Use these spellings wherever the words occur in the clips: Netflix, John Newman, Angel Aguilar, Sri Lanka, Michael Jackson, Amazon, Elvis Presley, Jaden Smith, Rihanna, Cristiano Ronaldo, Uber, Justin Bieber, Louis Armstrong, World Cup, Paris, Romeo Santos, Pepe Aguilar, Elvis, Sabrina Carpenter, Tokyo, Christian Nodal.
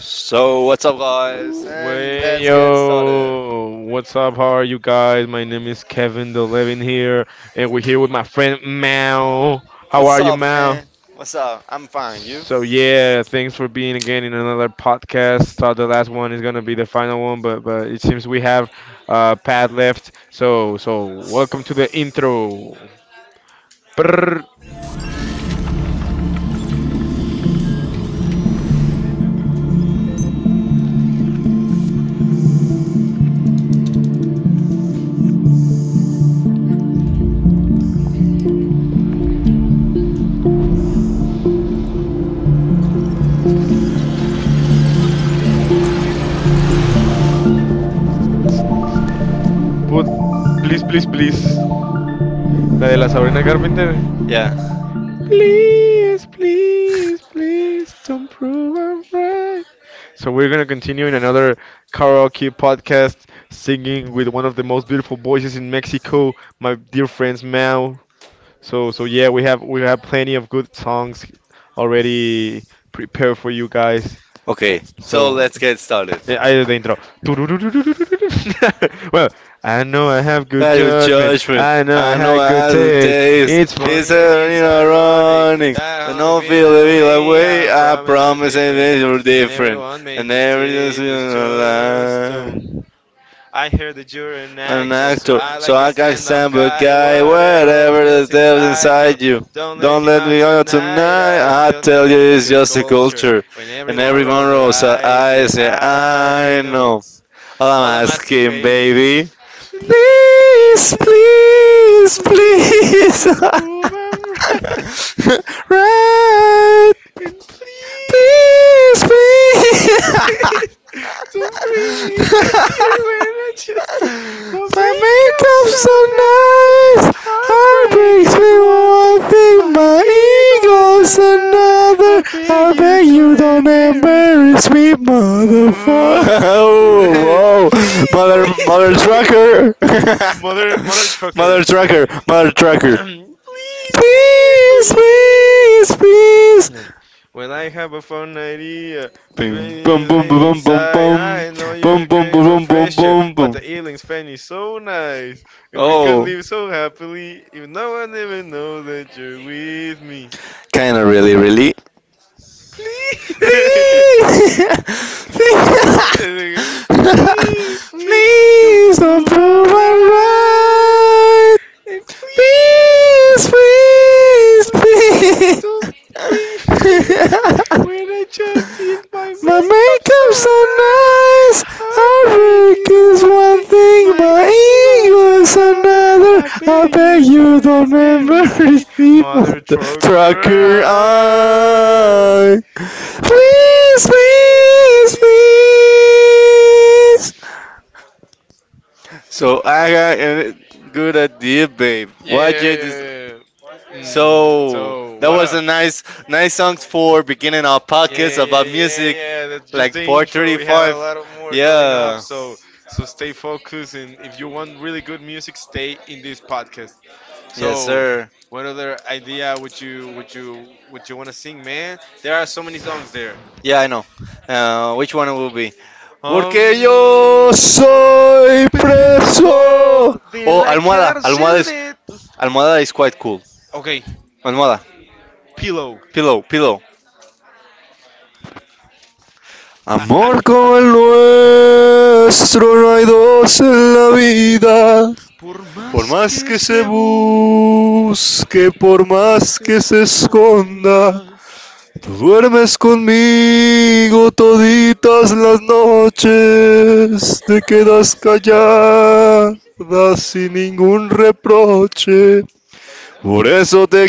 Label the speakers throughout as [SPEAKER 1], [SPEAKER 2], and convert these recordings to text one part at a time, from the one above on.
[SPEAKER 1] So, what's up, guys? And let's get started.
[SPEAKER 2] yo, what's up? How are you guys? My name is Kevin the Levin here, and we're here with my friend Mao. How are
[SPEAKER 1] What's
[SPEAKER 2] you,
[SPEAKER 1] up,
[SPEAKER 2] Mao?
[SPEAKER 1] man? What's up? I'm fine. You?
[SPEAKER 2] So yeah, thanks for being again in another podcast. Thought the last one is gonna be the final one, but it seems we have Pat left. So welcome to the intro. Brrr. Put, please, please, please. La de la Sabrina Carpenter.
[SPEAKER 1] Yeah.
[SPEAKER 2] Please, please, please, don't prove I'm right. So we're gonna continue in another karaoke podcast, singing with one of the most beautiful voices in Mexico, my dear friends Mao. So yeah, we have plenty of good songs already prepared for you guys.
[SPEAKER 1] Okay. So
[SPEAKER 2] So
[SPEAKER 1] let's get started.
[SPEAKER 2] yeah, I do the intro. Well, I know I have good judgment.
[SPEAKER 1] Judge
[SPEAKER 2] I know I
[SPEAKER 1] I know
[SPEAKER 2] had good
[SPEAKER 1] I
[SPEAKER 2] taste. It's
[SPEAKER 1] it's
[SPEAKER 2] funny and it's ironic
[SPEAKER 1] running.
[SPEAKER 2] that I only
[SPEAKER 1] Don't
[SPEAKER 2] feel
[SPEAKER 1] feel the
[SPEAKER 2] that
[SPEAKER 1] real
[SPEAKER 2] way. I
[SPEAKER 1] away. I
[SPEAKER 2] promise you're
[SPEAKER 1] promise it
[SPEAKER 2] different.
[SPEAKER 1] is
[SPEAKER 2] And
[SPEAKER 1] different.
[SPEAKER 2] everyone made
[SPEAKER 1] And everything's
[SPEAKER 2] mistakes,
[SPEAKER 1] in
[SPEAKER 2] but just
[SPEAKER 1] a
[SPEAKER 2] don't.
[SPEAKER 1] lie.
[SPEAKER 2] I heard that you're an actor,
[SPEAKER 1] Act
[SPEAKER 2] so I like a stand-up guy.
[SPEAKER 1] right,
[SPEAKER 2] Whatever
[SPEAKER 1] whatever
[SPEAKER 2] lives
[SPEAKER 1] that
[SPEAKER 2] inside you,
[SPEAKER 1] you.
[SPEAKER 2] don't let him out tonight. I
[SPEAKER 1] I
[SPEAKER 2] tell them
[SPEAKER 1] tell you,
[SPEAKER 2] that it's
[SPEAKER 1] it's
[SPEAKER 2] your
[SPEAKER 1] just a
[SPEAKER 2] culture.
[SPEAKER 1] culture.
[SPEAKER 2] When everyone
[SPEAKER 1] Everyone
[SPEAKER 2] rolls their
[SPEAKER 1] rolls her
[SPEAKER 2] eyes, yeah,
[SPEAKER 1] eyes. Yeah,
[SPEAKER 2] I
[SPEAKER 1] I
[SPEAKER 2] know.
[SPEAKER 1] know. All
[SPEAKER 2] All
[SPEAKER 1] I'm
[SPEAKER 2] I'm asking,
[SPEAKER 1] asking,
[SPEAKER 2] baby, is
[SPEAKER 1] baby.
[SPEAKER 2] please,
[SPEAKER 1] Please,
[SPEAKER 2] please,
[SPEAKER 1] please,
[SPEAKER 2] please,
[SPEAKER 1] please.
[SPEAKER 2] don't prove I'm right.
[SPEAKER 1] Right.
[SPEAKER 2] And please,
[SPEAKER 1] Please,
[SPEAKER 2] please, please, don't bring me in
[SPEAKER 1] please.
[SPEAKER 2] here when I just do. But
[SPEAKER 1] My
[SPEAKER 2] makeup's
[SPEAKER 1] makeup's so
[SPEAKER 2] so nice.
[SPEAKER 1] nice.
[SPEAKER 2] Heartbreak
[SPEAKER 1] Heartbreaks
[SPEAKER 2] is
[SPEAKER 1] me
[SPEAKER 2] one thing,
[SPEAKER 1] one thing,
[SPEAKER 2] my
[SPEAKER 1] my
[SPEAKER 2] ego is
[SPEAKER 1] ego's
[SPEAKER 2] another.
[SPEAKER 1] another.
[SPEAKER 2] I beg
[SPEAKER 1] I
[SPEAKER 2] you,
[SPEAKER 1] bet
[SPEAKER 2] don't
[SPEAKER 1] you don't
[SPEAKER 2] embarrass me.
[SPEAKER 1] embarrass me, motherfucker. Oh, whoa,
[SPEAKER 2] Please,
[SPEAKER 1] mother, mother trucker,
[SPEAKER 2] mother, mother
[SPEAKER 1] mother
[SPEAKER 2] trucker.
[SPEAKER 1] trucker, mother trucker.
[SPEAKER 2] Please, please,
[SPEAKER 1] Please,
[SPEAKER 2] please.
[SPEAKER 1] please, please.
[SPEAKER 2] And when I have a fun idea,
[SPEAKER 1] Boom, boom,
[SPEAKER 2] please
[SPEAKER 1] boom,
[SPEAKER 2] wait
[SPEAKER 1] boom, boom,
[SPEAKER 2] inside. I know
[SPEAKER 1] boom,
[SPEAKER 2] you're
[SPEAKER 1] boom,
[SPEAKER 2] craving
[SPEAKER 1] boom,
[SPEAKER 2] fresh air,
[SPEAKER 1] boom,
[SPEAKER 2] but the
[SPEAKER 1] boom.
[SPEAKER 2] Ealing fan is so nice, and we
[SPEAKER 1] Oh,
[SPEAKER 2] could live so happily if no one even knows that you're with me.
[SPEAKER 1] kind of really, really.
[SPEAKER 2] Please,
[SPEAKER 1] Please, please.
[SPEAKER 2] please,
[SPEAKER 1] Please
[SPEAKER 2] please, please, don't
[SPEAKER 1] don't
[SPEAKER 2] prove
[SPEAKER 1] prove
[SPEAKER 2] I'm
[SPEAKER 1] I'm
[SPEAKER 2] right.
[SPEAKER 1] right.
[SPEAKER 2] And please,
[SPEAKER 1] Please,
[SPEAKER 2] please,
[SPEAKER 1] please,
[SPEAKER 2] please,
[SPEAKER 1] please.
[SPEAKER 2] don't bring me into when I just did my
[SPEAKER 1] My
[SPEAKER 2] makeup
[SPEAKER 1] makeup's
[SPEAKER 2] so
[SPEAKER 1] so
[SPEAKER 2] nice.
[SPEAKER 1] nice.
[SPEAKER 2] Heartbreak
[SPEAKER 1] Heartbreak
[SPEAKER 2] is
[SPEAKER 1] is
[SPEAKER 2] one
[SPEAKER 1] one
[SPEAKER 2] thing,
[SPEAKER 1] thing,
[SPEAKER 2] my
[SPEAKER 1] my
[SPEAKER 2] ego's
[SPEAKER 1] ego's
[SPEAKER 2] another.
[SPEAKER 1] another.
[SPEAKER 2] I
[SPEAKER 1] I
[SPEAKER 2] beg
[SPEAKER 1] bet
[SPEAKER 2] you,
[SPEAKER 1] you
[SPEAKER 2] don't
[SPEAKER 1] don't
[SPEAKER 2] embarrass
[SPEAKER 1] ever
[SPEAKER 2] me,
[SPEAKER 1] receive
[SPEAKER 2] mother
[SPEAKER 1] the
[SPEAKER 2] trucker.
[SPEAKER 1] tracker
[SPEAKER 2] I-
[SPEAKER 1] eye.
[SPEAKER 2] Please,
[SPEAKER 1] Please,
[SPEAKER 2] please,
[SPEAKER 1] please,
[SPEAKER 2] please.
[SPEAKER 1] please. So I got good idea, babe.
[SPEAKER 2] Yeah,
[SPEAKER 1] Watch
[SPEAKER 2] yeah,
[SPEAKER 1] it.
[SPEAKER 2] yeah.
[SPEAKER 1] So
[SPEAKER 2] Oh,
[SPEAKER 1] that
[SPEAKER 2] what
[SPEAKER 1] was a nice, nice songs for beginning our podcast about
[SPEAKER 2] yeah,
[SPEAKER 1] music.
[SPEAKER 2] yeah, that's just the intro. We have a lot of more coming up, so stay focused. And if you want really good music, stay in this podcast.
[SPEAKER 1] Yes,
[SPEAKER 2] So,
[SPEAKER 1] sir.
[SPEAKER 2] what other idea would you want to sing, man? There are so many songs there.
[SPEAKER 1] Yeah, I know. Which one it will be?
[SPEAKER 2] Um,
[SPEAKER 1] Que yo soy preso.
[SPEAKER 2] Preso de
[SPEAKER 1] Oh,
[SPEAKER 2] la
[SPEAKER 1] almohada. Almohada
[SPEAKER 2] cárcel
[SPEAKER 1] is
[SPEAKER 2] de tus.
[SPEAKER 1] quite cool.
[SPEAKER 2] Okay,
[SPEAKER 1] Almohada.
[SPEAKER 2] pillow.
[SPEAKER 1] Pillow. Pillow.
[SPEAKER 2] Ah, ah.
[SPEAKER 1] Amor como el nuestro no hay dos en la vida.
[SPEAKER 2] Por
[SPEAKER 1] Por
[SPEAKER 2] más
[SPEAKER 1] más
[SPEAKER 2] que
[SPEAKER 1] que se
[SPEAKER 2] se bu,
[SPEAKER 1] busque, por
[SPEAKER 2] más
[SPEAKER 1] más
[SPEAKER 2] que
[SPEAKER 1] que
[SPEAKER 2] se
[SPEAKER 1] se esconda,
[SPEAKER 2] esconda.
[SPEAKER 1] tú duermes conmigo toditas las noches, te quedas callada sin ningún reproche. Por eso te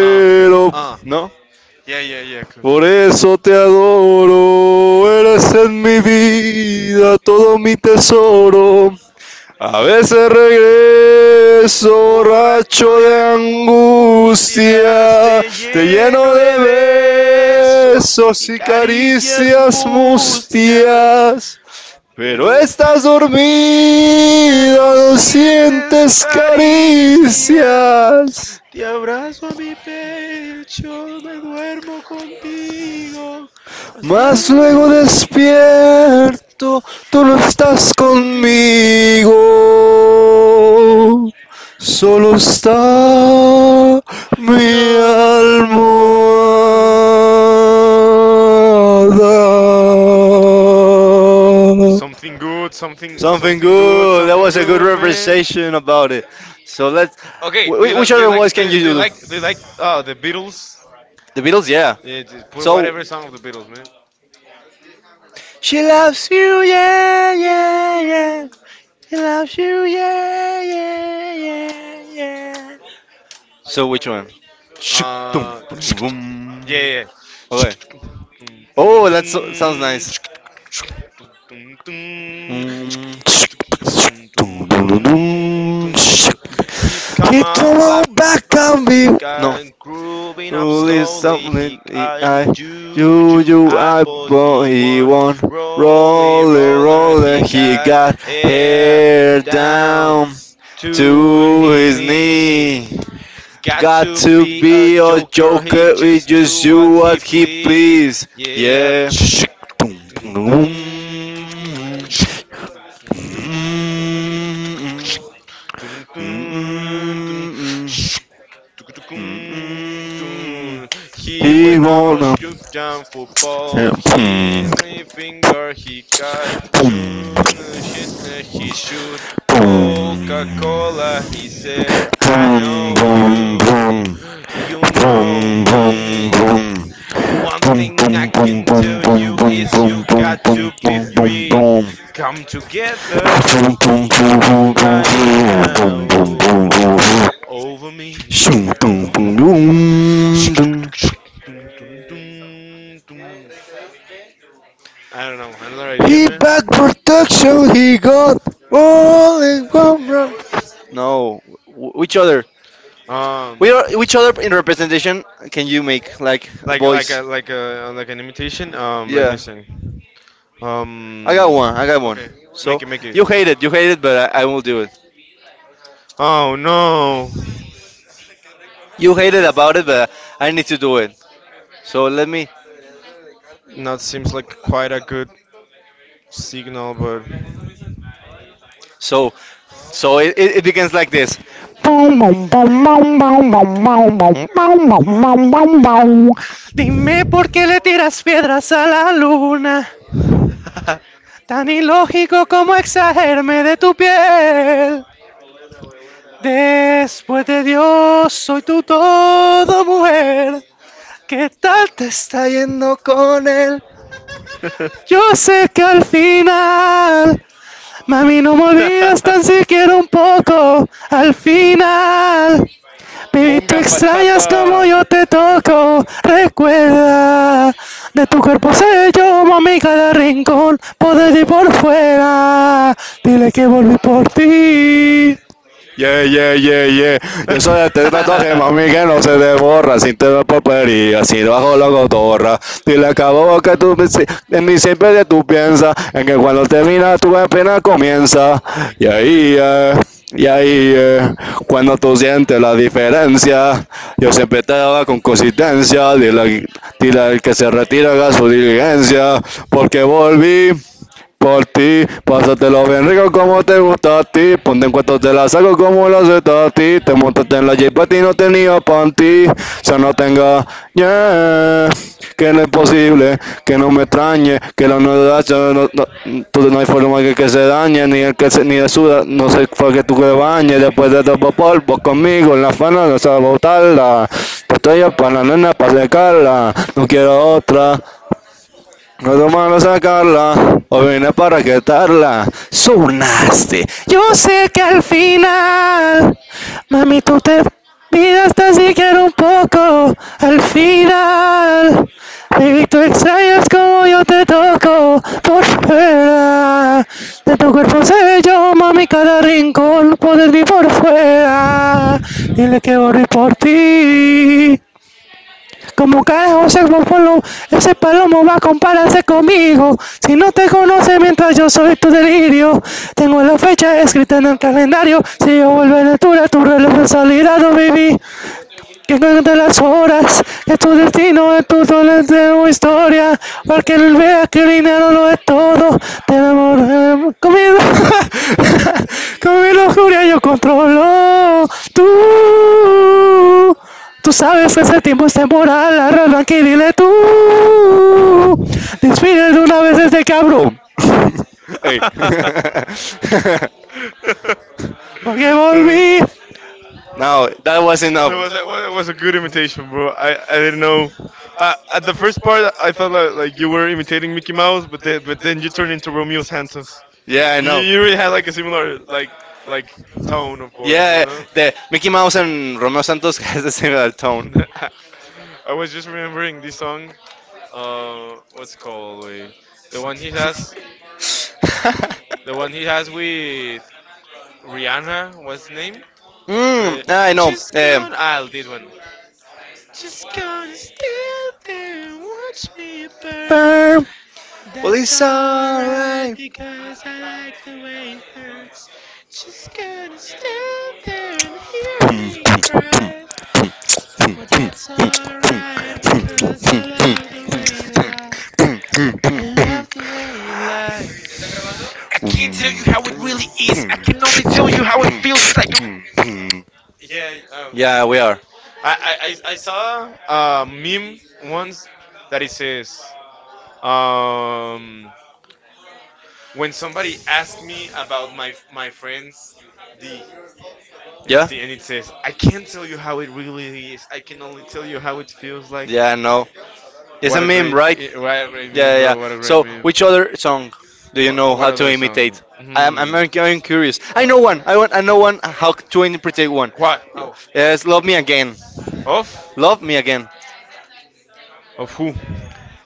[SPEAKER 2] Ah, ah.
[SPEAKER 1] ¿no?
[SPEAKER 2] Yeah, yeah, yeah, cool.
[SPEAKER 1] Por eso te adoro, eres en mi vida todo mi tesoro. A veces regreso
[SPEAKER 2] Borracho
[SPEAKER 1] borracho
[SPEAKER 2] de
[SPEAKER 1] de
[SPEAKER 2] angustias,
[SPEAKER 1] angustia,
[SPEAKER 2] te
[SPEAKER 1] te lleno
[SPEAKER 2] lleno de
[SPEAKER 1] de
[SPEAKER 2] besos
[SPEAKER 1] besos
[SPEAKER 2] y
[SPEAKER 1] y
[SPEAKER 2] caricias
[SPEAKER 1] caricias
[SPEAKER 2] mustias.
[SPEAKER 1] mustias. Pero
[SPEAKER 2] Pero
[SPEAKER 1] estás
[SPEAKER 2] estás dormida, no
[SPEAKER 1] dormida, no
[SPEAKER 2] sientes
[SPEAKER 1] sientes
[SPEAKER 2] caricia.
[SPEAKER 1] caricias.
[SPEAKER 2] Te abrazo a mi pecho, me duermo contigo, mas
[SPEAKER 1] Mas
[SPEAKER 2] luego
[SPEAKER 1] luego
[SPEAKER 2] luego despierto.
[SPEAKER 1] despierto,
[SPEAKER 2] Tú
[SPEAKER 1] tú no
[SPEAKER 2] no
[SPEAKER 1] estás
[SPEAKER 2] estás conmigo,
[SPEAKER 1] conmigo. Solo
[SPEAKER 2] tú no estás.
[SPEAKER 1] está
[SPEAKER 2] Mi
[SPEAKER 1] mi
[SPEAKER 2] alma.
[SPEAKER 1] almohada. Something good. That
[SPEAKER 2] Something
[SPEAKER 1] was a good
[SPEAKER 2] good, man.
[SPEAKER 1] representation about it. So let's.
[SPEAKER 2] Okay, do you like, do you like, do you like, do you like, the Beatles?
[SPEAKER 1] The Beatles, yeah.
[SPEAKER 2] Yeah, just put whatever song of the Beatles, man.
[SPEAKER 1] She loves you, yeah,
[SPEAKER 2] Yeah,
[SPEAKER 1] yeah,
[SPEAKER 2] yeah.
[SPEAKER 1] yeah. He loves you, yeah, yeah, yeah, yeah. So which one? Shuk-
[SPEAKER 2] Uh,
[SPEAKER 1] vroom.
[SPEAKER 2] yeah, yeah.
[SPEAKER 1] Okay.
[SPEAKER 2] Dum, dum,
[SPEAKER 1] Oh, that so- sounds
[SPEAKER 2] dum,
[SPEAKER 1] nice.
[SPEAKER 2] dum, dum, dum.
[SPEAKER 1] Mm.
[SPEAKER 2] Dun, dun, dun, dun. He come
[SPEAKER 1] He
[SPEAKER 2] up,
[SPEAKER 1] come
[SPEAKER 2] flap
[SPEAKER 1] back
[SPEAKER 2] up,
[SPEAKER 1] on
[SPEAKER 2] he
[SPEAKER 1] me. No.
[SPEAKER 2] can grooving up
[SPEAKER 1] Really
[SPEAKER 2] slowly. He
[SPEAKER 1] something he-
[SPEAKER 2] can
[SPEAKER 1] I you
[SPEAKER 2] juju
[SPEAKER 1] you I
[SPEAKER 2] apple,
[SPEAKER 1] but
[SPEAKER 2] he
[SPEAKER 1] he
[SPEAKER 2] one
[SPEAKER 1] won.
[SPEAKER 2] rolly
[SPEAKER 1] Roller
[SPEAKER 2] roller. He
[SPEAKER 1] roller he
[SPEAKER 2] got
[SPEAKER 1] got
[SPEAKER 2] hair
[SPEAKER 1] hair
[SPEAKER 2] down
[SPEAKER 1] down to
[SPEAKER 2] to his
[SPEAKER 1] his
[SPEAKER 2] knee.
[SPEAKER 1] knee.
[SPEAKER 2] Got
[SPEAKER 1] Got
[SPEAKER 2] to
[SPEAKER 1] to
[SPEAKER 2] be a
[SPEAKER 1] be a
[SPEAKER 2] joker, he
[SPEAKER 1] joker, we
[SPEAKER 2] just do
[SPEAKER 1] just do
[SPEAKER 2] what he
[SPEAKER 1] what he
[SPEAKER 2] please.
[SPEAKER 1] please.
[SPEAKER 2] Yeah.
[SPEAKER 1] Eh, shik, dum,
[SPEAKER 2] Dun,
[SPEAKER 1] dum, dum.
[SPEAKER 2] dun, dun, dun,
[SPEAKER 1] Mm, mm,
[SPEAKER 2] dun, dun, dun.
[SPEAKER 1] mm, mm,
[SPEAKER 2] Dun,
[SPEAKER 1] mm.
[SPEAKER 2] dun. He
[SPEAKER 1] He
[SPEAKER 2] went out
[SPEAKER 1] wanna
[SPEAKER 2] shoot down football.
[SPEAKER 1] boom,
[SPEAKER 2] He
[SPEAKER 1] boom,
[SPEAKER 2] only finger he got
[SPEAKER 1] boom, boom,
[SPEAKER 2] shoot Hit. He shoot Coca
[SPEAKER 1] boom,
[SPEAKER 2] Cola. He said, I know you.
[SPEAKER 1] boom.
[SPEAKER 2] You know
[SPEAKER 1] Boom, boom,
[SPEAKER 2] me.
[SPEAKER 1] boom.
[SPEAKER 2] One
[SPEAKER 1] Boom,
[SPEAKER 2] thing I
[SPEAKER 1] boom, boom,
[SPEAKER 2] can
[SPEAKER 1] boom, boom,
[SPEAKER 2] tell you
[SPEAKER 1] boom,
[SPEAKER 2] is
[SPEAKER 1] boom,
[SPEAKER 2] you
[SPEAKER 1] boom,
[SPEAKER 2] got
[SPEAKER 1] boom,
[SPEAKER 2] to be
[SPEAKER 1] boom,
[SPEAKER 2] free.
[SPEAKER 1] boom.
[SPEAKER 2] Come together right now over me. I don't know. Another idea,
[SPEAKER 1] He
[SPEAKER 2] man.
[SPEAKER 1] bad protection he got all in one round. No, wh- which other?
[SPEAKER 2] Um,
[SPEAKER 1] We are which other in representation can you make? Like,
[SPEAKER 2] like a like a like an imitation. Let me
[SPEAKER 1] yeah,
[SPEAKER 2] sing.
[SPEAKER 1] I got one.
[SPEAKER 2] Um,
[SPEAKER 1] I got one.
[SPEAKER 2] okay,
[SPEAKER 1] So
[SPEAKER 2] make it.
[SPEAKER 1] you hate it. You hate it, but I will do it.
[SPEAKER 2] Oh no,
[SPEAKER 1] You hate it about it, but I need to do it. So let me.
[SPEAKER 2] that seems like quite a good signal, but.
[SPEAKER 1] So So it begins like this. Dime por qué le tiras piedras a la luna, tan ilógico como exagerme de tu piel. Después de Dios, soy tu todo mujer. ¿Qué tal te está yendo con él? Yo sé que al final, mami, no me olvidas tan siquiera un poco. Al final, baby, tú
[SPEAKER 2] Pongan
[SPEAKER 1] extrañas
[SPEAKER 2] bachata.
[SPEAKER 1] como yo te toco. Recuerda, de tu cuerpo sé yo, mami, cada rincón. Por dentro y por fuera. Dile que volví por ti. Yeah, yeah, yeah, yeah. Yo soy el tatuaje, mami, que no se te borra. Sin tener porpería, sin bajo la cotorra. Dile que a vos que tú si- en mí siempre de tú piensas. En que cuando termina tu pena comienza. Y ahí, eh, y ahí, eh, cuando tú sientes la diferencia, yo siempre te daba con consistencia. Dile, dile al que se retira haga su diligencia. Porque volví por ti. Pásatelo bien rico como te gusta a ti. Ponte en cuanto te la saco como lo hace a ti. Te montaste en la jeep a ti no tenía panty. O sea, no tenga yeah. Que no es posible, que no me extrañe, que la novedad yo no, no, no, entonces no hay forma que se dañe, ni el que se, ni de suda, no sé para que tú que bañes, después de topo polvo conmigo, en la fana no sabes botarla, pues estoy para la nena para secarla, no quiero otra, no es malo sacarla, o vine para quitarla. Sonaste. Yo sé que al final, mami, tú te olvidaste hasta siquiera un poco. Al final, baby, tú extrañas como yo te toco por fuera. De tu cuerpo sé yo, mami, cada rincón poder vivir por fuera. Dile que voy por ti, como carajo ser Buffalo, ese palomo va a compararse conmigo. Si no te conoce mientras yo soy tu delirio, tengo la fecha escrita en el calendario. Si yo vuelvo en altura, tu reloj de salida no viví que cuente las horas, que tu destino es tu solo tu historia, para que él vea que el dinero no es todo, te enamoré, con mi, con mi lujuria yo controlo, tú, tú sabes que ese tiempo es temporal, arranca y dile tú, despide de una vez este cabrón, hey. Porque
[SPEAKER 2] Uh,
[SPEAKER 1] volví. No, that was enough.
[SPEAKER 2] that was was a good imitation, bro. I didn't know. At the first part, I thought that, like you were imitating Mickey Mouse, but then you turned into Romeo Santos.
[SPEAKER 1] Yeah, I
[SPEAKER 2] You,
[SPEAKER 1] know.
[SPEAKER 2] you really had like a similar like tone of voice.
[SPEAKER 1] Yeah, the Mickey Mouse and Romeo Santos has the similar tone.
[SPEAKER 2] I was just remembering this song. What's it called? Wait, the one he has, the one he has with Rihanna. What's the name?
[SPEAKER 1] Mm,
[SPEAKER 2] The
[SPEAKER 1] ah, I know.
[SPEAKER 2] just gone. Ah, this one.
[SPEAKER 1] Burn. Well, it's alright.
[SPEAKER 2] Can't really is. I can only feels like. Yeah, oh.
[SPEAKER 1] Yeah, we are.
[SPEAKER 2] I saw a meme once that it says, um, when somebody asked me about my friends D, and,
[SPEAKER 1] Yeah,
[SPEAKER 2] T, and it says, I can't tell you how it really is. I can only tell you how it feels like.
[SPEAKER 1] yeah, I know. It's a meme, right?
[SPEAKER 2] Right, right.
[SPEAKER 1] Yeah, yeah. So, which other song do you know how to imitate? Very- I'm curious. I know one. I want. I know one. How to imitate one?
[SPEAKER 2] How?
[SPEAKER 1] Yes, love me again.
[SPEAKER 2] Of?
[SPEAKER 1] Love me again.
[SPEAKER 2] Of who?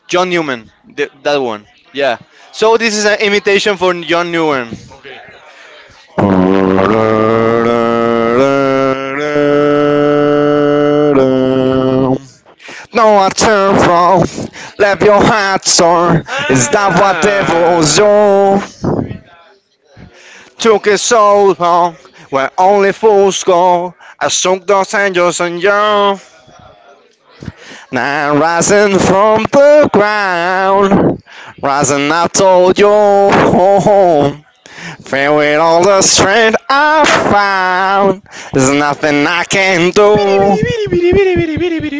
[SPEAKER 1] John Newman. Th- that one. Yeah. So this is an imitation for John Newman.
[SPEAKER 2] Okay.
[SPEAKER 1] No, I turn from. Left your heart sore. Is that what devils
[SPEAKER 2] Ah.
[SPEAKER 1] do? Took it so long, where only fools go. I shook those angels on you. Now rising from the ground, rising up to your home. Filled with all the strength I found, there's nothing I can
[SPEAKER 2] Bidi
[SPEAKER 1] do.
[SPEAKER 2] bidi bidi bidi bidi bidi bidi bidi bidi bidi bidi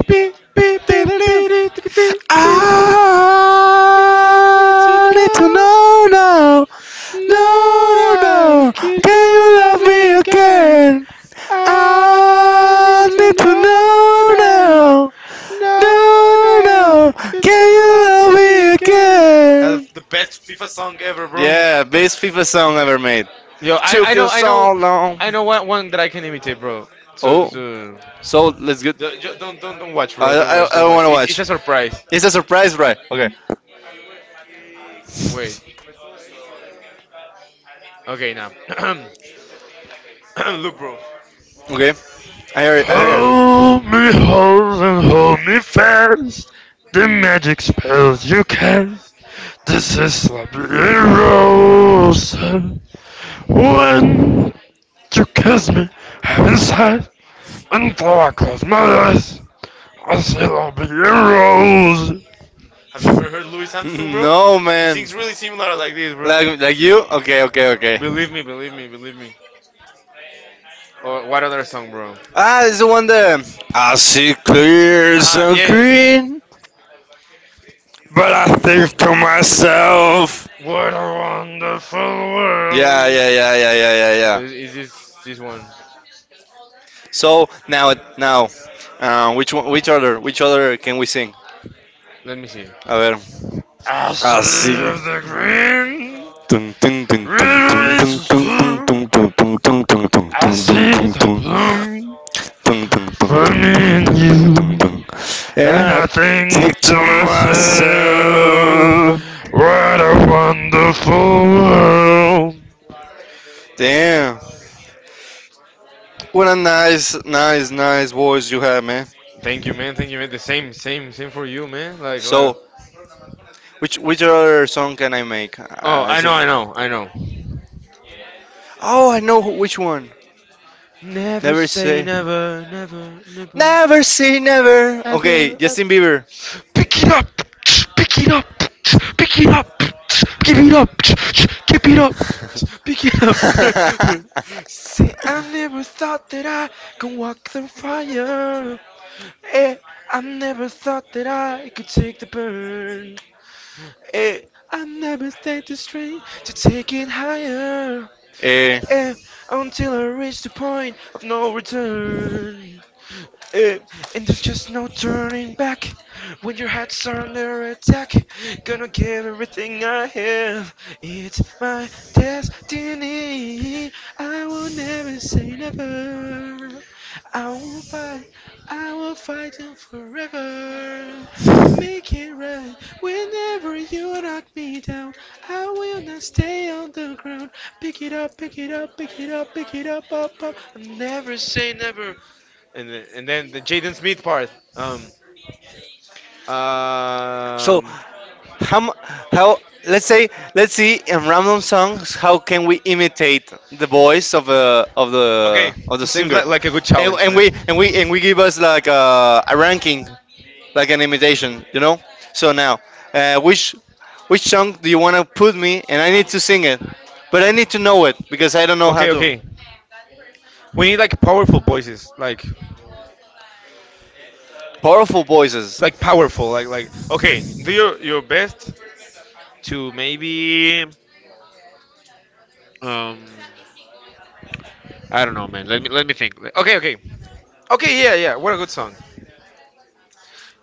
[SPEAKER 2] bidi bidi bidi bidi. You need to
[SPEAKER 1] I need to know now,
[SPEAKER 2] know
[SPEAKER 1] no,
[SPEAKER 2] now.
[SPEAKER 1] no.
[SPEAKER 2] Could
[SPEAKER 1] Can you
[SPEAKER 2] you love
[SPEAKER 1] love me
[SPEAKER 2] me again?
[SPEAKER 1] again?
[SPEAKER 2] I
[SPEAKER 1] I
[SPEAKER 2] need to
[SPEAKER 1] need to
[SPEAKER 2] know
[SPEAKER 1] know
[SPEAKER 2] now,
[SPEAKER 1] now,
[SPEAKER 2] know
[SPEAKER 1] no, no.
[SPEAKER 2] now. Could
[SPEAKER 1] Can
[SPEAKER 2] you
[SPEAKER 1] you
[SPEAKER 2] love
[SPEAKER 1] love
[SPEAKER 2] me
[SPEAKER 1] me
[SPEAKER 2] again? That's
[SPEAKER 1] again?
[SPEAKER 2] the best FIFA song ever, bro.
[SPEAKER 1] Yeah, best FIFA song ever made.
[SPEAKER 2] Yo,
[SPEAKER 1] Took you so long.
[SPEAKER 2] I know one, one that I can imitate, bro. So,
[SPEAKER 1] Oh,
[SPEAKER 2] so.
[SPEAKER 1] so let's get.
[SPEAKER 2] Don't, don't watch, bro.
[SPEAKER 1] I
[SPEAKER 2] Don't
[SPEAKER 1] I,
[SPEAKER 2] watch,
[SPEAKER 1] I
[SPEAKER 2] don't
[SPEAKER 1] don't
[SPEAKER 2] watch.
[SPEAKER 1] want to
[SPEAKER 2] It's
[SPEAKER 1] watch.
[SPEAKER 2] a surprise.
[SPEAKER 1] It's a surprise, right? Okay,
[SPEAKER 2] Wait. Okay, now. Look, bro.
[SPEAKER 1] okay. I heard it. I heard it.
[SPEAKER 2] Hold me hold and hold me fast. The magic spells you cast. This is Slippery Rosa. When you kiss me inside, until I close my eyes, I see Slippery Rosa. Have you ever heard Louis Armstrong, bro? Oh,
[SPEAKER 1] No,
[SPEAKER 2] he
[SPEAKER 1] man.
[SPEAKER 2] sings really similar like this, bro.
[SPEAKER 1] Like you? Okay, okay, okay.
[SPEAKER 2] Believe me, believe me, believe me. Or what other song, bro? Aha,
[SPEAKER 1] Ah, it's the one that I see clear
[SPEAKER 2] uh-huh,
[SPEAKER 1] and
[SPEAKER 2] yeah.
[SPEAKER 1] green, but
[SPEAKER 2] I
[SPEAKER 1] I think
[SPEAKER 2] live to
[SPEAKER 1] to
[SPEAKER 2] myself.
[SPEAKER 1] myself.
[SPEAKER 2] What a wonderful
[SPEAKER 1] Yeah,
[SPEAKER 2] world.
[SPEAKER 1] yeah, yeah, yeah, yeah, yeah, yeah.
[SPEAKER 2] Is this this one?
[SPEAKER 1] So now, now, which one, which other can we sing?
[SPEAKER 2] Let me see.
[SPEAKER 1] A ver.
[SPEAKER 2] I see
[SPEAKER 1] Así.
[SPEAKER 2] of the green,
[SPEAKER 1] Tum, tum, tum, tum, tum, tum,
[SPEAKER 2] rivers
[SPEAKER 1] tum,
[SPEAKER 2] too.
[SPEAKER 1] tum, tum, tum, tum, tum, tum, tum,
[SPEAKER 2] I
[SPEAKER 1] tum, tum,
[SPEAKER 2] see
[SPEAKER 1] tum,
[SPEAKER 2] the
[SPEAKER 1] tum.
[SPEAKER 2] bloom
[SPEAKER 1] Tum, tum, tum,
[SPEAKER 2] for me
[SPEAKER 1] tum, tum,
[SPEAKER 2] and
[SPEAKER 1] tum, tum, tum, tum.
[SPEAKER 2] you.
[SPEAKER 1] And
[SPEAKER 2] And
[SPEAKER 1] I
[SPEAKER 2] I think
[SPEAKER 1] think to
[SPEAKER 2] to myself,
[SPEAKER 1] myself.
[SPEAKER 2] what a wonderful world.
[SPEAKER 1] Damn, what a nice, nice, nice voice you have, man.
[SPEAKER 2] Thank you, man. Thank you, man. The same, same, same for you, man. Like
[SPEAKER 1] So, which other song can I make?
[SPEAKER 2] oh, I know, I know, I know.
[SPEAKER 1] Oh, I know who- which one.
[SPEAKER 2] Never,
[SPEAKER 1] Never say,
[SPEAKER 2] never.
[SPEAKER 1] never say never. Okay, Justin Bieber.
[SPEAKER 2] Pick it up! Pick it up! Pick it up! Give it up! Keep it up! Pick it up. I never thought that I could walk through fire. Eh, I never thought that I could take the burn. Eh, I never felt the strength to take it higher.
[SPEAKER 1] Eh,
[SPEAKER 2] Eh, until I reached the point of no return. Uh, and there's just no turning back when your heart's under attack. Gonna give everything I have. It's my destiny. I will never say never. I will fight. I will fight them forever. Make it right whenever you knock me down. I will not stay on the ground. Pick it up, pick it up, pick it up, pick it up, up, up. I'll never say never, and the- and then the Jaden Smith part. Um,
[SPEAKER 1] so
[SPEAKER 2] um,
[SPEAKER 1] how mu- how let's say let's see in random songs how can we imitate the voice
[SPEAKER 2] okay,
[SPEAKER 1] of the
[SPEAKER 2] it seems
[SPEAKER 1] singer
[SPEAKER 2] like a good challenge,
[SPEAKER 1] and
[SPEAKER 2] man.
[SPEAKER 1] we and we and we give us like a ranking like an imitation you know so now uh, which which song do you want to put me and I need to sing it but I need to know it because I don't know how
[SPEAKER 2] Okay,
[SPEAKER 1] to
[SPEAKER 2] okay, we need like powerful voices,
[SPEAKER 1] powerful voices
[SPEAKER 2] like powerful, like like. Okay, do your best to maybe um, I don't know, man. Let me think. Okay, okay, okay. Yeah, yeah. What a good song.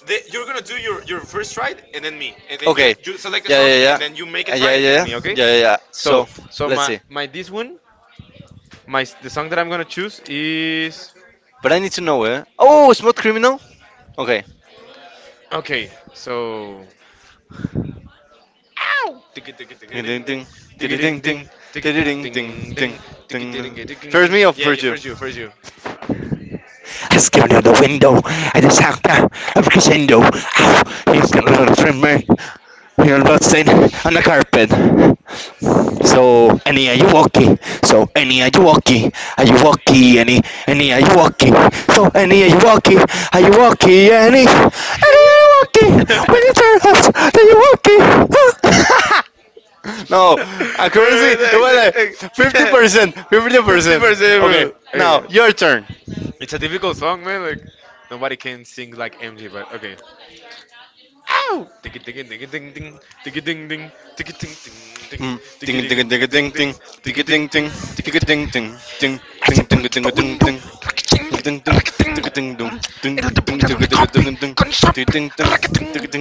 [SPEAKER 2] The, you're gonna do your first try and then me, and then you select a song and then you make a
[SPEAKER 1] yeah
[SPEAKER 2] try
[SPEAKER 1] yeah
[SPEAKER 2] and then
[SPEAKER 1] yeah
[SPEAKER 2] me.
[SPEAKER 1] yeah
[SPEAKER 2] Okay.
[SPEAKER 1] yeah yeah.
[SPEAKER 2] So
[SPEAKER 1] So
[SPEAKER 2] so my
[SPEAKER 1] okay.
[SPEAKER 2] my this one my s- the song that I'm gonna choose is
[SPEAKER 1] But I need to know it oh smooth criminal. Okay.
[SPEAKER 2] okay, so ow! Tiki tiki tiki
[SPEAKER 1] Ding
[SPEAKER 2] ding
[SPEAKER 1] ding
[SPEAKER 2] ding,
[SPEAKER 1] ding
[SPEAKER 2] tiki ding
[SPEAKER 1] ding ding
[SPEAKER 2] ding, tiki
[SPEAKER 1] ding ding
[SPEAKER 2] ding
[SPEAKER 1] ding
[SPEAKER 2] ding
[SPEAKER 1] ding
[SPEAKER 2] ding,
[SPEAKER 1] ding.
[SPEAKER 2] tiki ding ding
[SPEAKER 1] Ding.
[SPEAKER 2] ding
[SPEAKER 1] First
[SPEAKER 2] ding.
[SPEAKER 1] me or
[SPEAKER 2] Yeah, yeah,
[SPEAKER 1] first you?
[SPEAKER 2] first you, first you.
[SPEAKER 1] I scared out the window at the sound of crescendo. Ow! He's gonna tremor. You're busting on the carpet. So, Annie, are you okay? So, Annie, are you okay? Are you okay, Annie? Annie, are you okay? So, Annie, are you okay? Are you okay, Annie? Annie, are you okay? Will you
[SPEAKER 2] Alright,
[SPEAKER 1] tell us Are you're okay? No, accuracy. It was like 50%. Fifty
[SPEAKER 2] Fifty
[SPEAKER 1] percent.
[SPEAKER 2] percent,
[SPEAKER 1] Okay.
[SPEAKER 2] bro. Okay,
[SPEAKER 1] Now your turn.
[SPEAKER 2] it's a difficult song, man. Like nobody can sing like MJ, but okay. Ow! Tiki tiki tiki ding ding, tiki ding ding, tiki ding ding ding,
[SPEAKER 1] Mm.
[SPEAKER 2] tiki
[SPEAKER 1] Ding
[SPEAKER 2] ding
[SPEAKER 1] ding
[SPEAKER 2] ding
[SPEAKER 1] ding
[SPEAKER 2] ding
[SPEAKER 1] ding
[SPEAKER 2] ding,
[SPEAKER 1] ding
[SPEAKER 2] tiki
[SPEAKER 1] ding
[SPEAKER 2] ding
[SPEAKER 1] ding
[SPEAKER 2] ding,
[SPEAKER 1] ding
[SPEAKER 2] tiki ding.
[SPEAKER 1] ding ding ding ding ding ding ding ding ding ding ding ding ding ding dong ding ding ding ding ding ding ding ding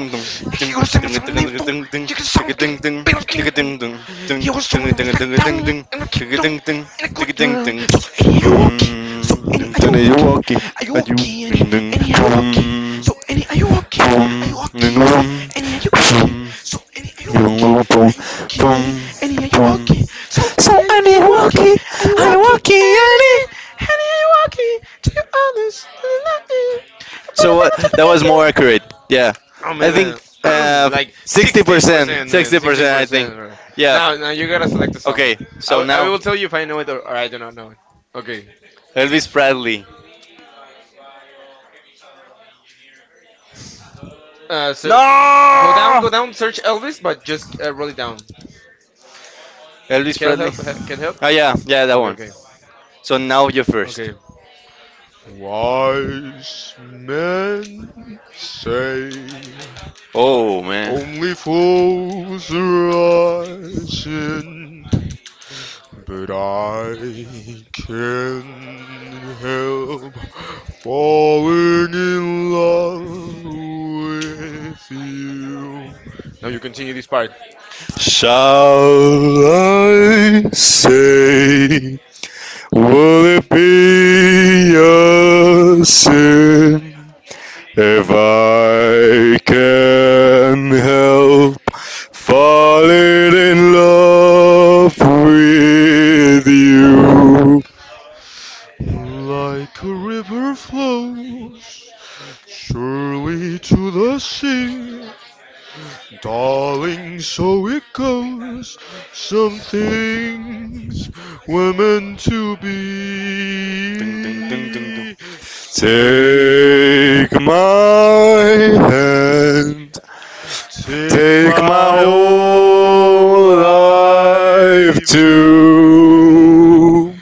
[SPEAKER 1] ding ding ding dong
[SPEAKER 2] If
[SPEAKER 1] ding
[SPEAKER 2] you say
[SPEAKER 1] ding ding
[SPEAKER 2] my name
[SPEAKER 1] ding
[SPEAKER 2] too,
[SPEAKER 1] ding ding ding ding
[SPEAKER 2] you can sound it, better
[SPEAKER 1] ding ding ding dong ding
[SPEAKER 2] he was
[SPEAKER 1] ding
[SPEAKER 2] throwing and
[SPEAKER 1] ding
[SPEAKER 2] was
[SPEAKER 1] ding ding
[SPEAKER 2] knocked
[SPEAKER 1] ding
[SPEAKER 2] down
[SPEAKER 1] ding
[SPEAKER 2] and I kicked down
[SPEAKER 1] ding
[SPEAKER 2] and
[SPEAKER 1] ding
[SPEAKER 2] I
[SPEAKER 1] ding
[SPEAKER 2] got
[SPEAKER 1] ding
[SPEAKER 2] down.
[SPEAKER 1] ding
[SPEAKER 2] So Annie, are you
[SPEAKER 1] Boom.
[SPEAKER 2] okay? So Annie,
[SPEAKER 1] Ding
[SPEAKER 2] are
[SPEAKER 1] ding
[SPEAKER 2] you
[SPEAKER 1] you
[SPEAKER 2] okay?
[SPEAKER 1] walking.
[SPEAKER 2] Are you
[SPEAKER 1] Are you
[SPEAKER 2] okay, Annie?
[SPEAKER 1] ding ding
[SPEAKER 2] Annie, are you okay?
[SPEAKER 1] boom.
[SPEAKER 2] So Annie, are you okay? Are
[SPEAKER 1] Boom,
[SPEAKER 2] you okay, Annie?
[SPEAKER 1] boom,
[SPEAKER 2] Annie, are you okay?
[SPEAKER 1] boom,
[SPEAKER 2] So Annie, are you
[SPEAKER 1] boom,
[SPEAKER 2] okay?
[SPEAKER 1] boom, boom,
[SPEAKER 2] Are you okay, Annie?
[SPEAKER 1] boom,
[SPEAKER 2] Annie, are you okay? So
[SPEAKER 1] oh,
[SPEAKER 2] Annie, are
[SPEAKER 1] Annie,
[SPEAKER 2] you okay?
[SPEAKER 1] walkie,
[SPEAKER 2] Are you
[SPEAKER 1] I
[SPEAKER 2] okay,
[SPEAKER 1] walkie,
[SPEAKER 2] Annie?
[SPEAKER 1] Annie.
[SPEAKER 2] Annie, are you okay? Do you understand? But I
[SPEAKER 1] So
[SPEAKER 2] don't know to
[SPEAKER 1] that
[SPEAKER 2] get
[SPEAKER 1] was more
[SPEAKER 2] through.
[SPEAKER 1] accurate. Yeah,
[SPEAKER 2] I
[SPEAKER 1] I
[SPEAKER 2] mean,
[SPEAKER 1] think uh,
[SPEAKER 2] like sixty
[SPEAKER 1] 60%,
[SPEAKER 2] percent, man, sixty
[SPEAKER 1] 60%, I think.
[SPEAKER 2] percent. Bro.
[SPEAKER 1] Yeah.
[SPEAKER 2] Now, now you gotta select a song.
[SPEAKER 1] Okay.
[SPEAKER 2] I,
[SPEAKER 1] So
[SPEAKER 2] w- I
[SPEAKER 1] now
[SPEAKER 2] will tell you if I know it or I do not know it. Okay.
[SPEAKER 1] Elvis Presley.
[SPEAKER 2] So go down, go
[SPEAKER 1] No,
[SPEAKER 2] down. Search Elvis, but just roll it down.
[SPEAKER 1] Elvis
[SPEAKER 2] Can
[SPEAKER 1] Presley.
[SPEAKER 2] help, he- can help.
[SPEAKER 1] Oh yeah, yeah, that
[SPEAKER 2] Okay,
[SPEAKER 1] one.
[SPEAKER 2] okay,
[SPEAKER 1] So now you're first.
[SPEAKER 2] okay.
[SPEAKER 1] Oh man.
[SPEAKER 2] Now you continue this part.
[SPEAKER 1] Will it be a sin? If I can help falling in love with you,
[SPEAKER 2] Like a river flows surely to the sea. Darling, so it goes. Some things were meant to
[SPEAKER 1] ding, ding, ding, ding, ding.
[SPEAKER 2] be. Take
[SPEAKER 1] Take my hand. Take my whole life
[SPEAKER 2] or
[SPEAKER 1] too,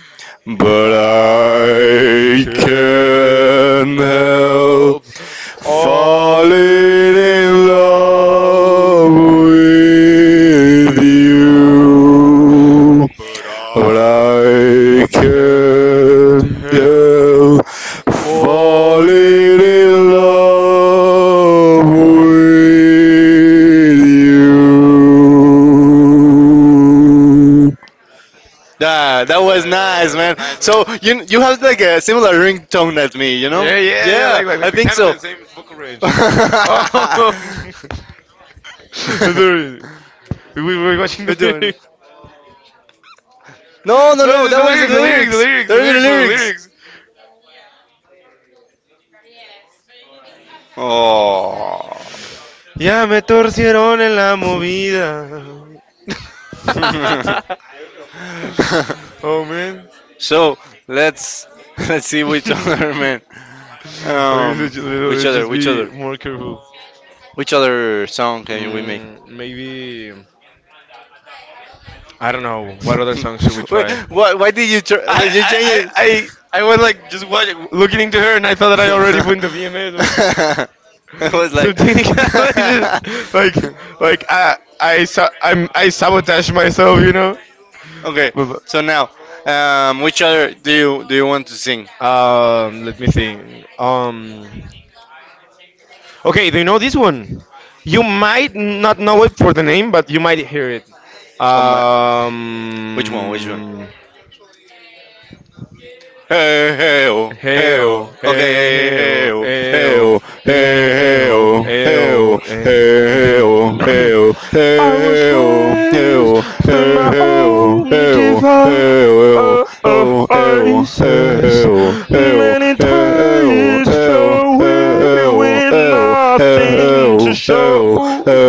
[SPEAKER 2] give
[SPEAKER 1] but
[SPEAKER 2] up.
[SPEAKER 1] I can't help falling
[SPEAKER 2] Falling in
[SPEAKER 1] in
[SPEAKER 2] love
[SPEAKER 1] love
[SPEAKER 2] with
[SPEAKER 1] with
[SPEAKER 2] you.
[SPEAKER 1] you.
[SPEAKER 2] But
[SPEAKER 1] But
[SPEAKER 2] I
[SPEAKER 1] I
[SPEAKER 2] can't
[SPEAKER 1] can't
[SPEAKER 2] help
[SPEAKER 1] help
[SPEAKER 2] falling
[SPEAKER 1] falling
[SPEAKER 2] in
[SPEAKER 1] in
[SPEAKER 2] love
[SPEAKER 1] love with
[SPEAKER 2] with
[SPEAKER 1] you.
[SPEAKER 2] you.
[SPEAKER 1] Yeah, that was nice, man. So you have like a similar ringtone as me, you know?
[SPEAKER 2] Yeah, yeah, yeah.
[SPEAKER 1] Yeah, I
[SPEAKER 2] Like the
[SPEAKER 1] think.
[SPEAKER 2] kind of the same vocal range. Oh, sorry. We were watching
[SPEAKER 1] We're
[SPEAKER 2] the
[SPEAKER 1] doing.
[SPEAKER 2] lyrics.
[SPEAKER 1] No, no,
[SPEAKER 2] No, it's
[SPEAKER 1] no.
[SPEAKER 2] just
[SPEAKER 1] That
[SPEAKER 2] the
[SPEAKER 1] was the
[SPEAKER 2] lyrics, the lyrics, the
[SPEAKER 1] lyrics.
[SPEAKER 2] lyrics, the
[SPEAKER 1] Those are the
[SPEAKER 2] lyrics for the
[SPEAKER 1] lyrics.
[SPEAKER 2] lyrics.
[SPEAKER 1] Oh.
[SPEAKER 2] Ya me torcieron en la movida. Oh man.
[SPEAKER 1] So let's let's see which other
[SPEAKER 2] Okay,
[SPEAKER 1] man,
[SPEAKER 2] so
[SPEAKER 1] um,
[SPEAKER 2] ju-
[SPEAKER 1] which
[SPEAKER 2] let's
[SPEAKER 1] other,
[SPEAKER 2] just
[SPEAKER 1] which
[SPEAKER 2] be
[SPEAKER 1] other,
[SPEAKER 2] more careful.
[SPEAKER 1] which other song can we make?
[SPEAKER 2] Mm, maybe. I don't know. What other songs should we
[SPEAKER 1] Wait,
[SPEAKER 2] try?
[SPEAKER 1] why did you? Tr-
[SPEAKER 2] I I, I, I, I was like just looking into her, and I thought that I already put in the VMAs or
[SPEAKER 1] I was like,
[SPEAKER 2] something. like just like like I sa- I'm, I sabotage myself.
[SPEAKER 1] okay.
[SPEAKER 2] But,
[SPEAKER 1] So now, which other do you want to sing?
[SPEAKER 2] but let me think. Okay, do you know this one? You might not know it for the name, but you might hear it.
[SPEAKER 1] Which one? Which one?
[SPEAKER 2] Um, Hey
[SPEAKER 1] Hey,
[SPEAKER 2] oh, hey hey oh, hey oh, eh eh, oh, eh oh, eh. And then I was slaves to my own diva. ISIS. Many times fell away with nothing to show.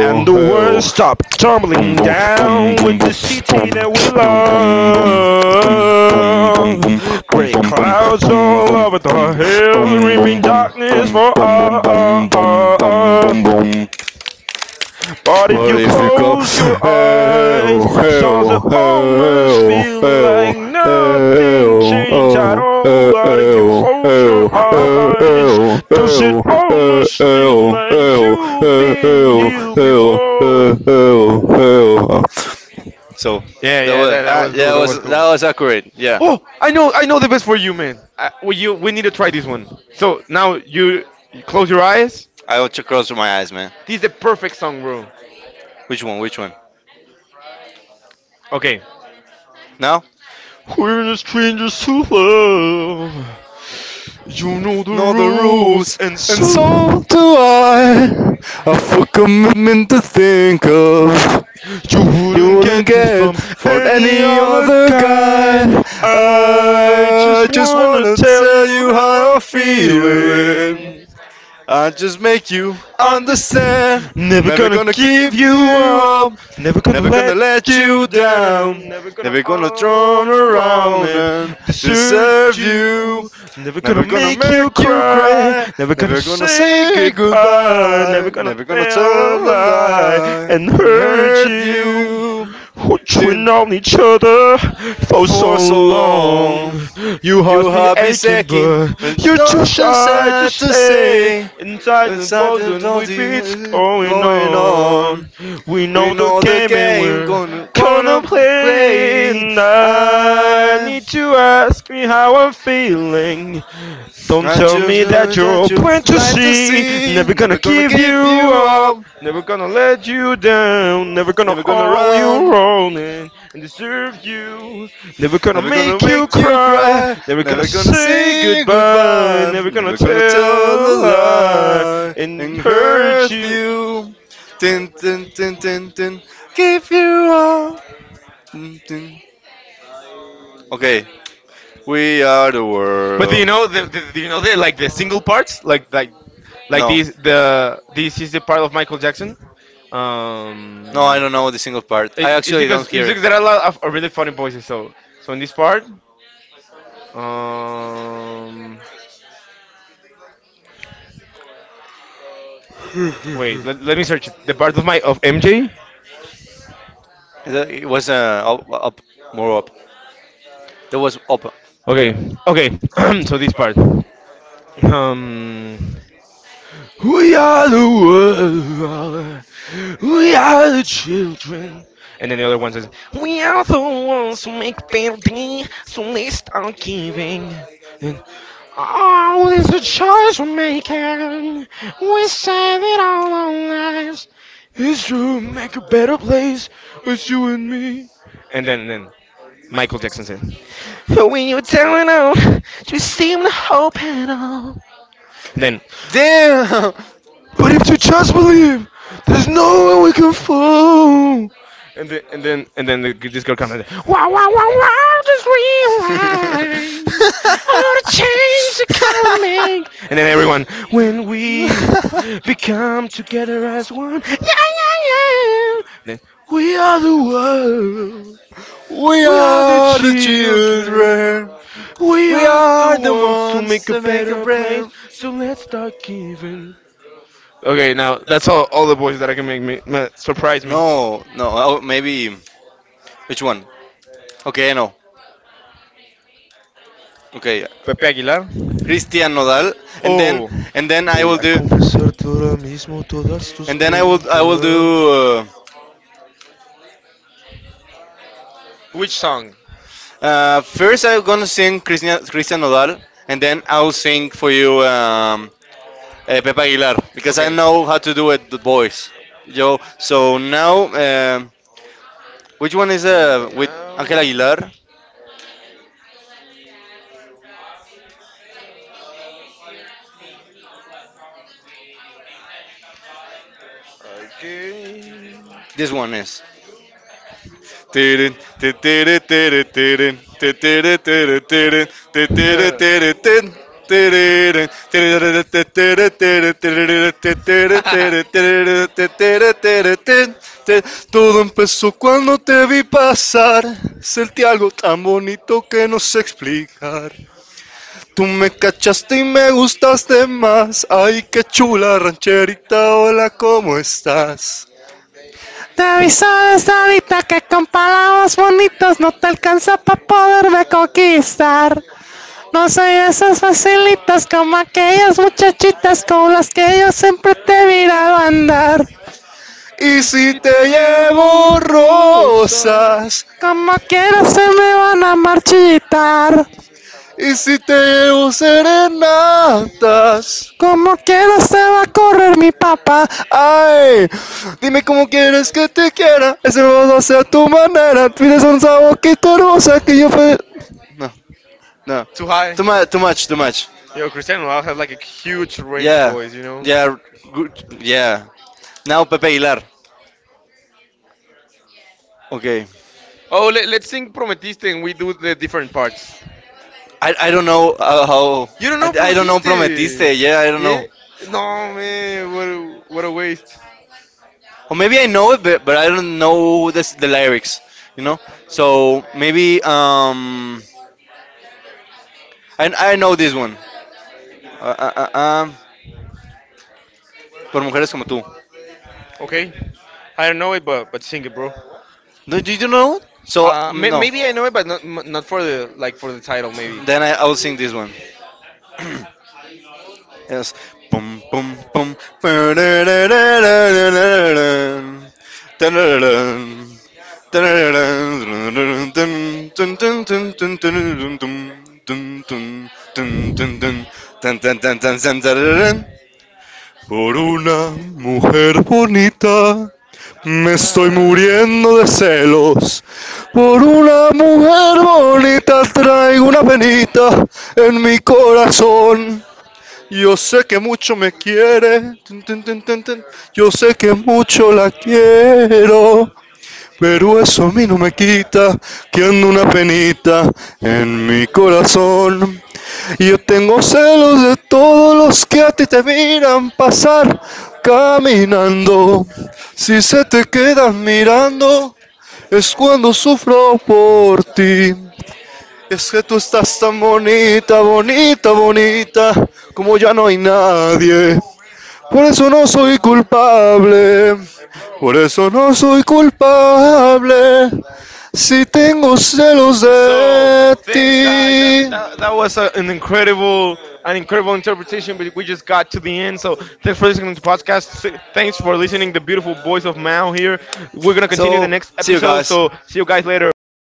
[SPEAKER 2] And the world stopped tumbling down with the city that we love. Great clouds all over the hills, rimming darkness for us. But if
[SPEAKER 1] or
[SPEAKER 2] you
[SPEAKER 1] if you go,
[SPEAKER 2] close your
[SPEAKER 1] hey,
[SPEAKER 2] eyes,
[SPEAKER 1] oh, hey,
[SPEAKER 2] sounds
[SPEAKER 1] oh,
[SPEAKER 2] that
[SPEAKER 1] hey,
[SPEAKER 2] almost
[SPEAKER 1] oh,
[SPEAKER 2] feel
[SPEAKER 1] hey, oh,
[SPEAKER 2] like
[SPEAKER 1] hey,
[SPEAKER 2] nothing
[SPEAKER 1] oh,
[SPEAKER 2] changed at
[SPEAKER 1] oh, hey, oh, hey, oh, hey, oh, hey, oh, hey, oh,
[SPEAKER 2] all. But if you close your
[SPEAKER 1] hey,
[SPEAKER 2] eyes,
[SPEAKER 1] oh, hey,
[SPEAKER 2] does it
[SPEAKER 1] oh,
[SPEAKER 2] almost
[SPEAKER 1] hey,
[SPEAKER 2] feel like you've been here
[SPEAKER 1] oh,
[SPEAKER 2] before?
[SPEAKER 1] hey, oh, hey, oh. So,
[SPEAKER 2] Yeah, yeah,
[SPEAKER 1] but
[SPEAKER 2] that was cool. That was cool.
[SPEAKER 1] that was accurate. Yeah,
[SPEAKER 2] Oh, I know the best for you, man. We need to try this one. So now you close your eyes.
[SPEAKER 1] I want to cross with my eyes, man.
[SPEAKER 2] This is the perfect song, bro.
[SPEAKER 1] Which one? Which one?
[SPEAKER 2] Okay.
[SPEAKER 1] Now?
[SPEAKER 2] Clean your love. You know the rules, and
[SPEAKER 1] And so do I. A full commitment to think of.
[SPEAKER 2] you
[SPEAKER 1] You
[SPEAKER 2] wouldn't
[SPEAKER 1] wouldn't
[SPEAKER 2] get this
[SPEAKER 1] care
[SPEAKER 2] from
[SPEAKER 1] for
[SPEAKER 2] a
[SPEAKER 1] any other
[SPEAKER 2] guy.
[SPEAKER 1] guy.
[SPEAKER 2] I
[SPEAKER 1] I just wanna tell you how I'm feeling. I just make you
[SPEAKER 2] understand.
[SPEAKER 1] understand.
[SPEAKER 2] Never
[SPEAKER 1] Never
[SPEAKER 2] gonna
[SPEAKER 1] gonna
[SPEAKER 2] give
[SPEAKER 1] give
[SPEAKER 2] you
[SPEAKER 1] you up.
[SPEAKER 2] up. Never gonna
[SPEAKER 1] Never gonna
[SPEAKER 2] let
[SPEAKER 1] let
[SPEAKER 2] you
[SPEAKER 1] you down.
[SPEAKER 2] down. Never gonna
[SPEAKER 1] Never gonna turn
[SPEAKER 2] all around
[SPEAKER 1] around
[SPEAKER 2] and
[SPEAKER 1] and
[SPEAKER 2] desert
[SPEAKER 1] deserve you.
[SPEAKER 2] you. Never gonna
[SPEAKER 1] Never gonna
[SPEAKER 2] make you
[SPEAKER 1] make you
[SPEAKER 2] cry.
[SPEAKER 1] cry.
[SPEAKER 2] Never gonna
[SPEAKER 1] Never gonna
[SPEAKER 2] say
[SPEAKER 1] say
[SPEAKER 2] goodbye.
[SPEAKER 1] goodbye.
[SPEAKER 2] Never gonna
[SPEAKER 1] Never gonna
[SPEAKER 2] tell a
[SPEAKER 1] tell a
[SPEAKER 2] lie
[SPEAKER 1] lie
[SPEAKER 2] and
[SPEAKER 1] and
[SPEAKER 2] hurt
[SPEAKER 1] hurt
[SPEAKER 2] you.
[SPEAKER 1] you.
[SPEAKER 2] We've
[SPEAKER 1] Dun,
[SPEAKER 2] known each other for
[SPEAKER 1] for
[SPEAKER 2] so
[SPEAKER 1] so long.
[SPEAKER 2] long. Your
[SPEAKER 1] You
[SPEAKER 2] heart's been
[SPEAKER 1] have been
[SPEAKER 2] aching,
[SPEAKER 1] second,
[SPEAKER 2] but
[SPEAKER 1] but
[SPEAKER 2] you're too
[SPEAKER 1] not too
[SPEAKER 2] shy to
[SPEAKER 1] sad to
[SPEAKER 2] say.
[SPEAKER 1] say.
[SPEAKER 2] Inside
[SPEAKER 1] It's
[SPEAKER 2] the
[SPEAKER 1] not the
[SPEAKER 2] boredom with what's
[SPEAKER 1] dirty
[SPEAKER 2] going
[SPEAKER 1] going on.
[SPEAKER 2] on. We
[SPEAKER 1] We
[SPEAKER 2] know the
[SPEAKER 1] know the
[SPEAKER 2] game and
[SPEAKER 1] game
[SPEAKER 2] we're
[SPEAKER 1] gonna
[SPEAKER 2] gonna play
[SPEAKER 1] play.
[SPEAKER 2] it. I
[SPEAKER 1] I
[SPEAKER 2] need to ask me how I'm feeling. Don't
[SPEAKER 1] I
[SPEAKER 2] tell
[SPEAKER 1] choose
[SPEAKER 2] me
[SPEAKER 1] you
[SPEAKER 2] that
[SPEAKER 1] that
[SPEAKER 2] you're
[SPEAKER 1] you
[SPEAKER 2] blind to
[SPEAKER 1] blind to
[SPEAKER 2] see.
[SPEAKER 1] see.
[SPEAKER 2] Never gonna
[SPEAKER 1] Never gonna
[SPEAKER 2] give
[SPEAKER 1] give
[SPEAKER 2] you
[SPEAKER 1] you
[SPEAKER 2] up.
[SPEAKER 1] up.
[SPEAKER 2] Never gonna let you down. Never gonna
[SPEAKER 1] Never gonna
[SPEAKER 2] hold you
[SPEAKER 1] run.
[SPEAKER 2] wrong and deserve you. Never gonna
[SPEAKER 1] Never gonna
[SPEAKER 2] make you
[SPEAKER 1] make you
[SPEAKER 2] cry.
[SPEAKER 1] cry.
[SPEAKER 2] Never gonna
[SPEAKER 1] Never gonna
[SPEAKER 2] say
[SPEAKER 1] say
[SPEAKER 2] goodbye.
[SPEAKER 1] goodbye.
[SPEAKER 2] Never gonna
[SPEAKER 1] Never
[SPEAKER 2] tell
[SPEAKER 1] gonna tell
[SPEAKER 2] a
[SPEAKER 1] a
[SPEAKER 2] lie
[SPEAKER 1] lie
[SPEAKER 2] and
[SPEAKER 1] and
[SPEAKER 2] hurt
[SPEAKER 1] hurt
[SPEAKER 2] you.
[SPEAKER 1] you. Tin tin tin tin tin. Give you all. Tin, tin. Okay, we are the
[SPEAKER 2] But do you
[SPEAKER 1] world.
[SPEAKER 2] know the do you know the like the single parts like these the this is the part of Michael Jackson.
[SPEAKER 1] No, I
[SPEAKER 2] Um,
[SPEAKER 1] don't know the single part. I
[SPEAKER 2] It- It's
[SPEAKER 1] actually
[SPEAKER 2] because
[SPEAKER 1] don't
[SPEAKER 2] it's
[SPEAKER 1] hear.
[SPEAKER 2] because there are a lot of really funny voices. So so in this part, um, wait, let me search it. The part of my of MJ.
[SPEAKER 1] It was up, up, more up. There was up.
[SPEAKER 2] Okay, okay. so this part, um, we are the world, and then the other one says, we are the ones who make building, so let's start giving. Then, oh, there's a choice we're making. We save it all our lives. And then Michael Jackson says. When you're down and out, you seem to hope at all. And then,
[SPEAKER 1] Damn!
[SPEAKER 2] but if you just believe, there's no. And then this girl comes and says, "What
[SPEAKER 1] The
[SPEAKER 2] is hard?" And then everyone, we then
[SPEAKER 1] tree are the ones
[SPEAKER 2] a
[SPEAKER 1] that make a
[SPEAKER 2] better place,
[SPEAKER 1] prayer.
[SPEAKER 2] so let's start giving. Okay, now that's all the voices that I can make me ma- surprise me.
[SPEAKER 1] No, no. Oh, maybe which one? Okay, I know. Okay,
[SPEAKER 2] Pepe Aguilar.
[SPEAKER 1] Christian Nodal, and then
[SPEAKER 2] Oh,
[SPEAKER 1] and then I will do
[SPEAKER 2] Acu-
[SPEAKER 1] and then I will do. Uh,
[SPEAKER 2] which song?
[SPEAKER 1] first, I'm gonna sing Christian Nodal, and then I'll sing for you Pepe Aguilar because I
[SPEAKER 2] Okay.
[SPEAKER 1] know how to do it, the voice. Yo. So now, which one is
[SPEAKER 2] And
[SPEAKER 1] with
[SPEAKER 2] now,
[SPEAKER 1] Angel Aguilar?
[SPEAKER 2] again.
[SPEAKER 1] This one is. Tirin, ti, tiri, tiri, tirin, ti, tiri, tiri, tirin, ti, tudo te vi passar.
[SPEAKER 2] Muchachitas que igual que te miran. Y si te llevo rosa.
[SPEAKER 1] Com- Como quieras te va com mi papá. Ai, dime como quieres que te quiera. Ese va a ser tu manera. Pides un sabor que hermosa que yo. Fe- Não, não.
[SPEAKER 2] Too high.
[SPEAKER 1] Too much, too much, too much.
[SPEAKER 2] Yo, Cristiano Ronaldo has like a huge range,
[SPEAKER 1] Yeah,
[SPEAKER 2] boys, you know?
[SPEAKER 1] yeah, good. Yeah. Now Pepe Aguilar. Okay.
[SPEAKER 2] Oh, let's sing Prometiste and we do the different parts.
[SPEAKER 1] I don't know how.
[SPEAKER 2] You don't know
[SPEAKER 1] I don't know
[SPEAKER 2] Prometiste!
[SPEAKER 1] Prometiste. Yeah, I don't
[SPEAKER 2] Yeah?
[SPEAKER 1] know.
[SPEAKER 2] No, man, what a waste.
[SPEAKER 1] Or maybe I know it, but I don't know this, the lyrics. You know. So maybe. I know this one. Uh, uh, uh, um, por mujeres como tú.
[SPEAKER 2] Okay. I don't know it, but sing it, bro.
[SPEAKER 1] No, did you know it? So mm, no.
[SPEAKER 2] Maybe I know it, but not for the like for the title, maybe.
[SPEAKER 1] Then I will sing this one. Yes. Pum pum pum. Por una mujer bonita me estoy muriendo de celos. Por una mujer bonita traigo una penita en mi corazón. Yo sé que mucho me quiere. Yo sé que mucho la quiero. Pero eso a mí no me quita que ando una penita en mi corazón. Y yo tengo celos de todos los que a ti te miran pasar caminando. Si se te quedan mirando, es cuando sufro por ti. Es que tú estás tan bonita, bonita, bonita, como ya no hay nadie. Por eso no soy culpable, por eso no soy culpable. Si tengo celos
[SPEAKER 2] So
[SPEAKER 1] de
[SPEAKER 2] thanks, guys.
[SPEAKER 1] ti.
[SPEAKER 2] That was an incredible interpretation, but we just got to the end. So thanks for listening to the podcast. Thanks for listening the beautiful voice of Mao here. We're gonna continue the
[SPEAKER 1] So,
[SPEAKER 2] next
[SPEAKER 1] see you
[SPEAKER 2] episode.
[SPEAKER 1] guys.
[SPEAKER 2] So see you guys later. Bye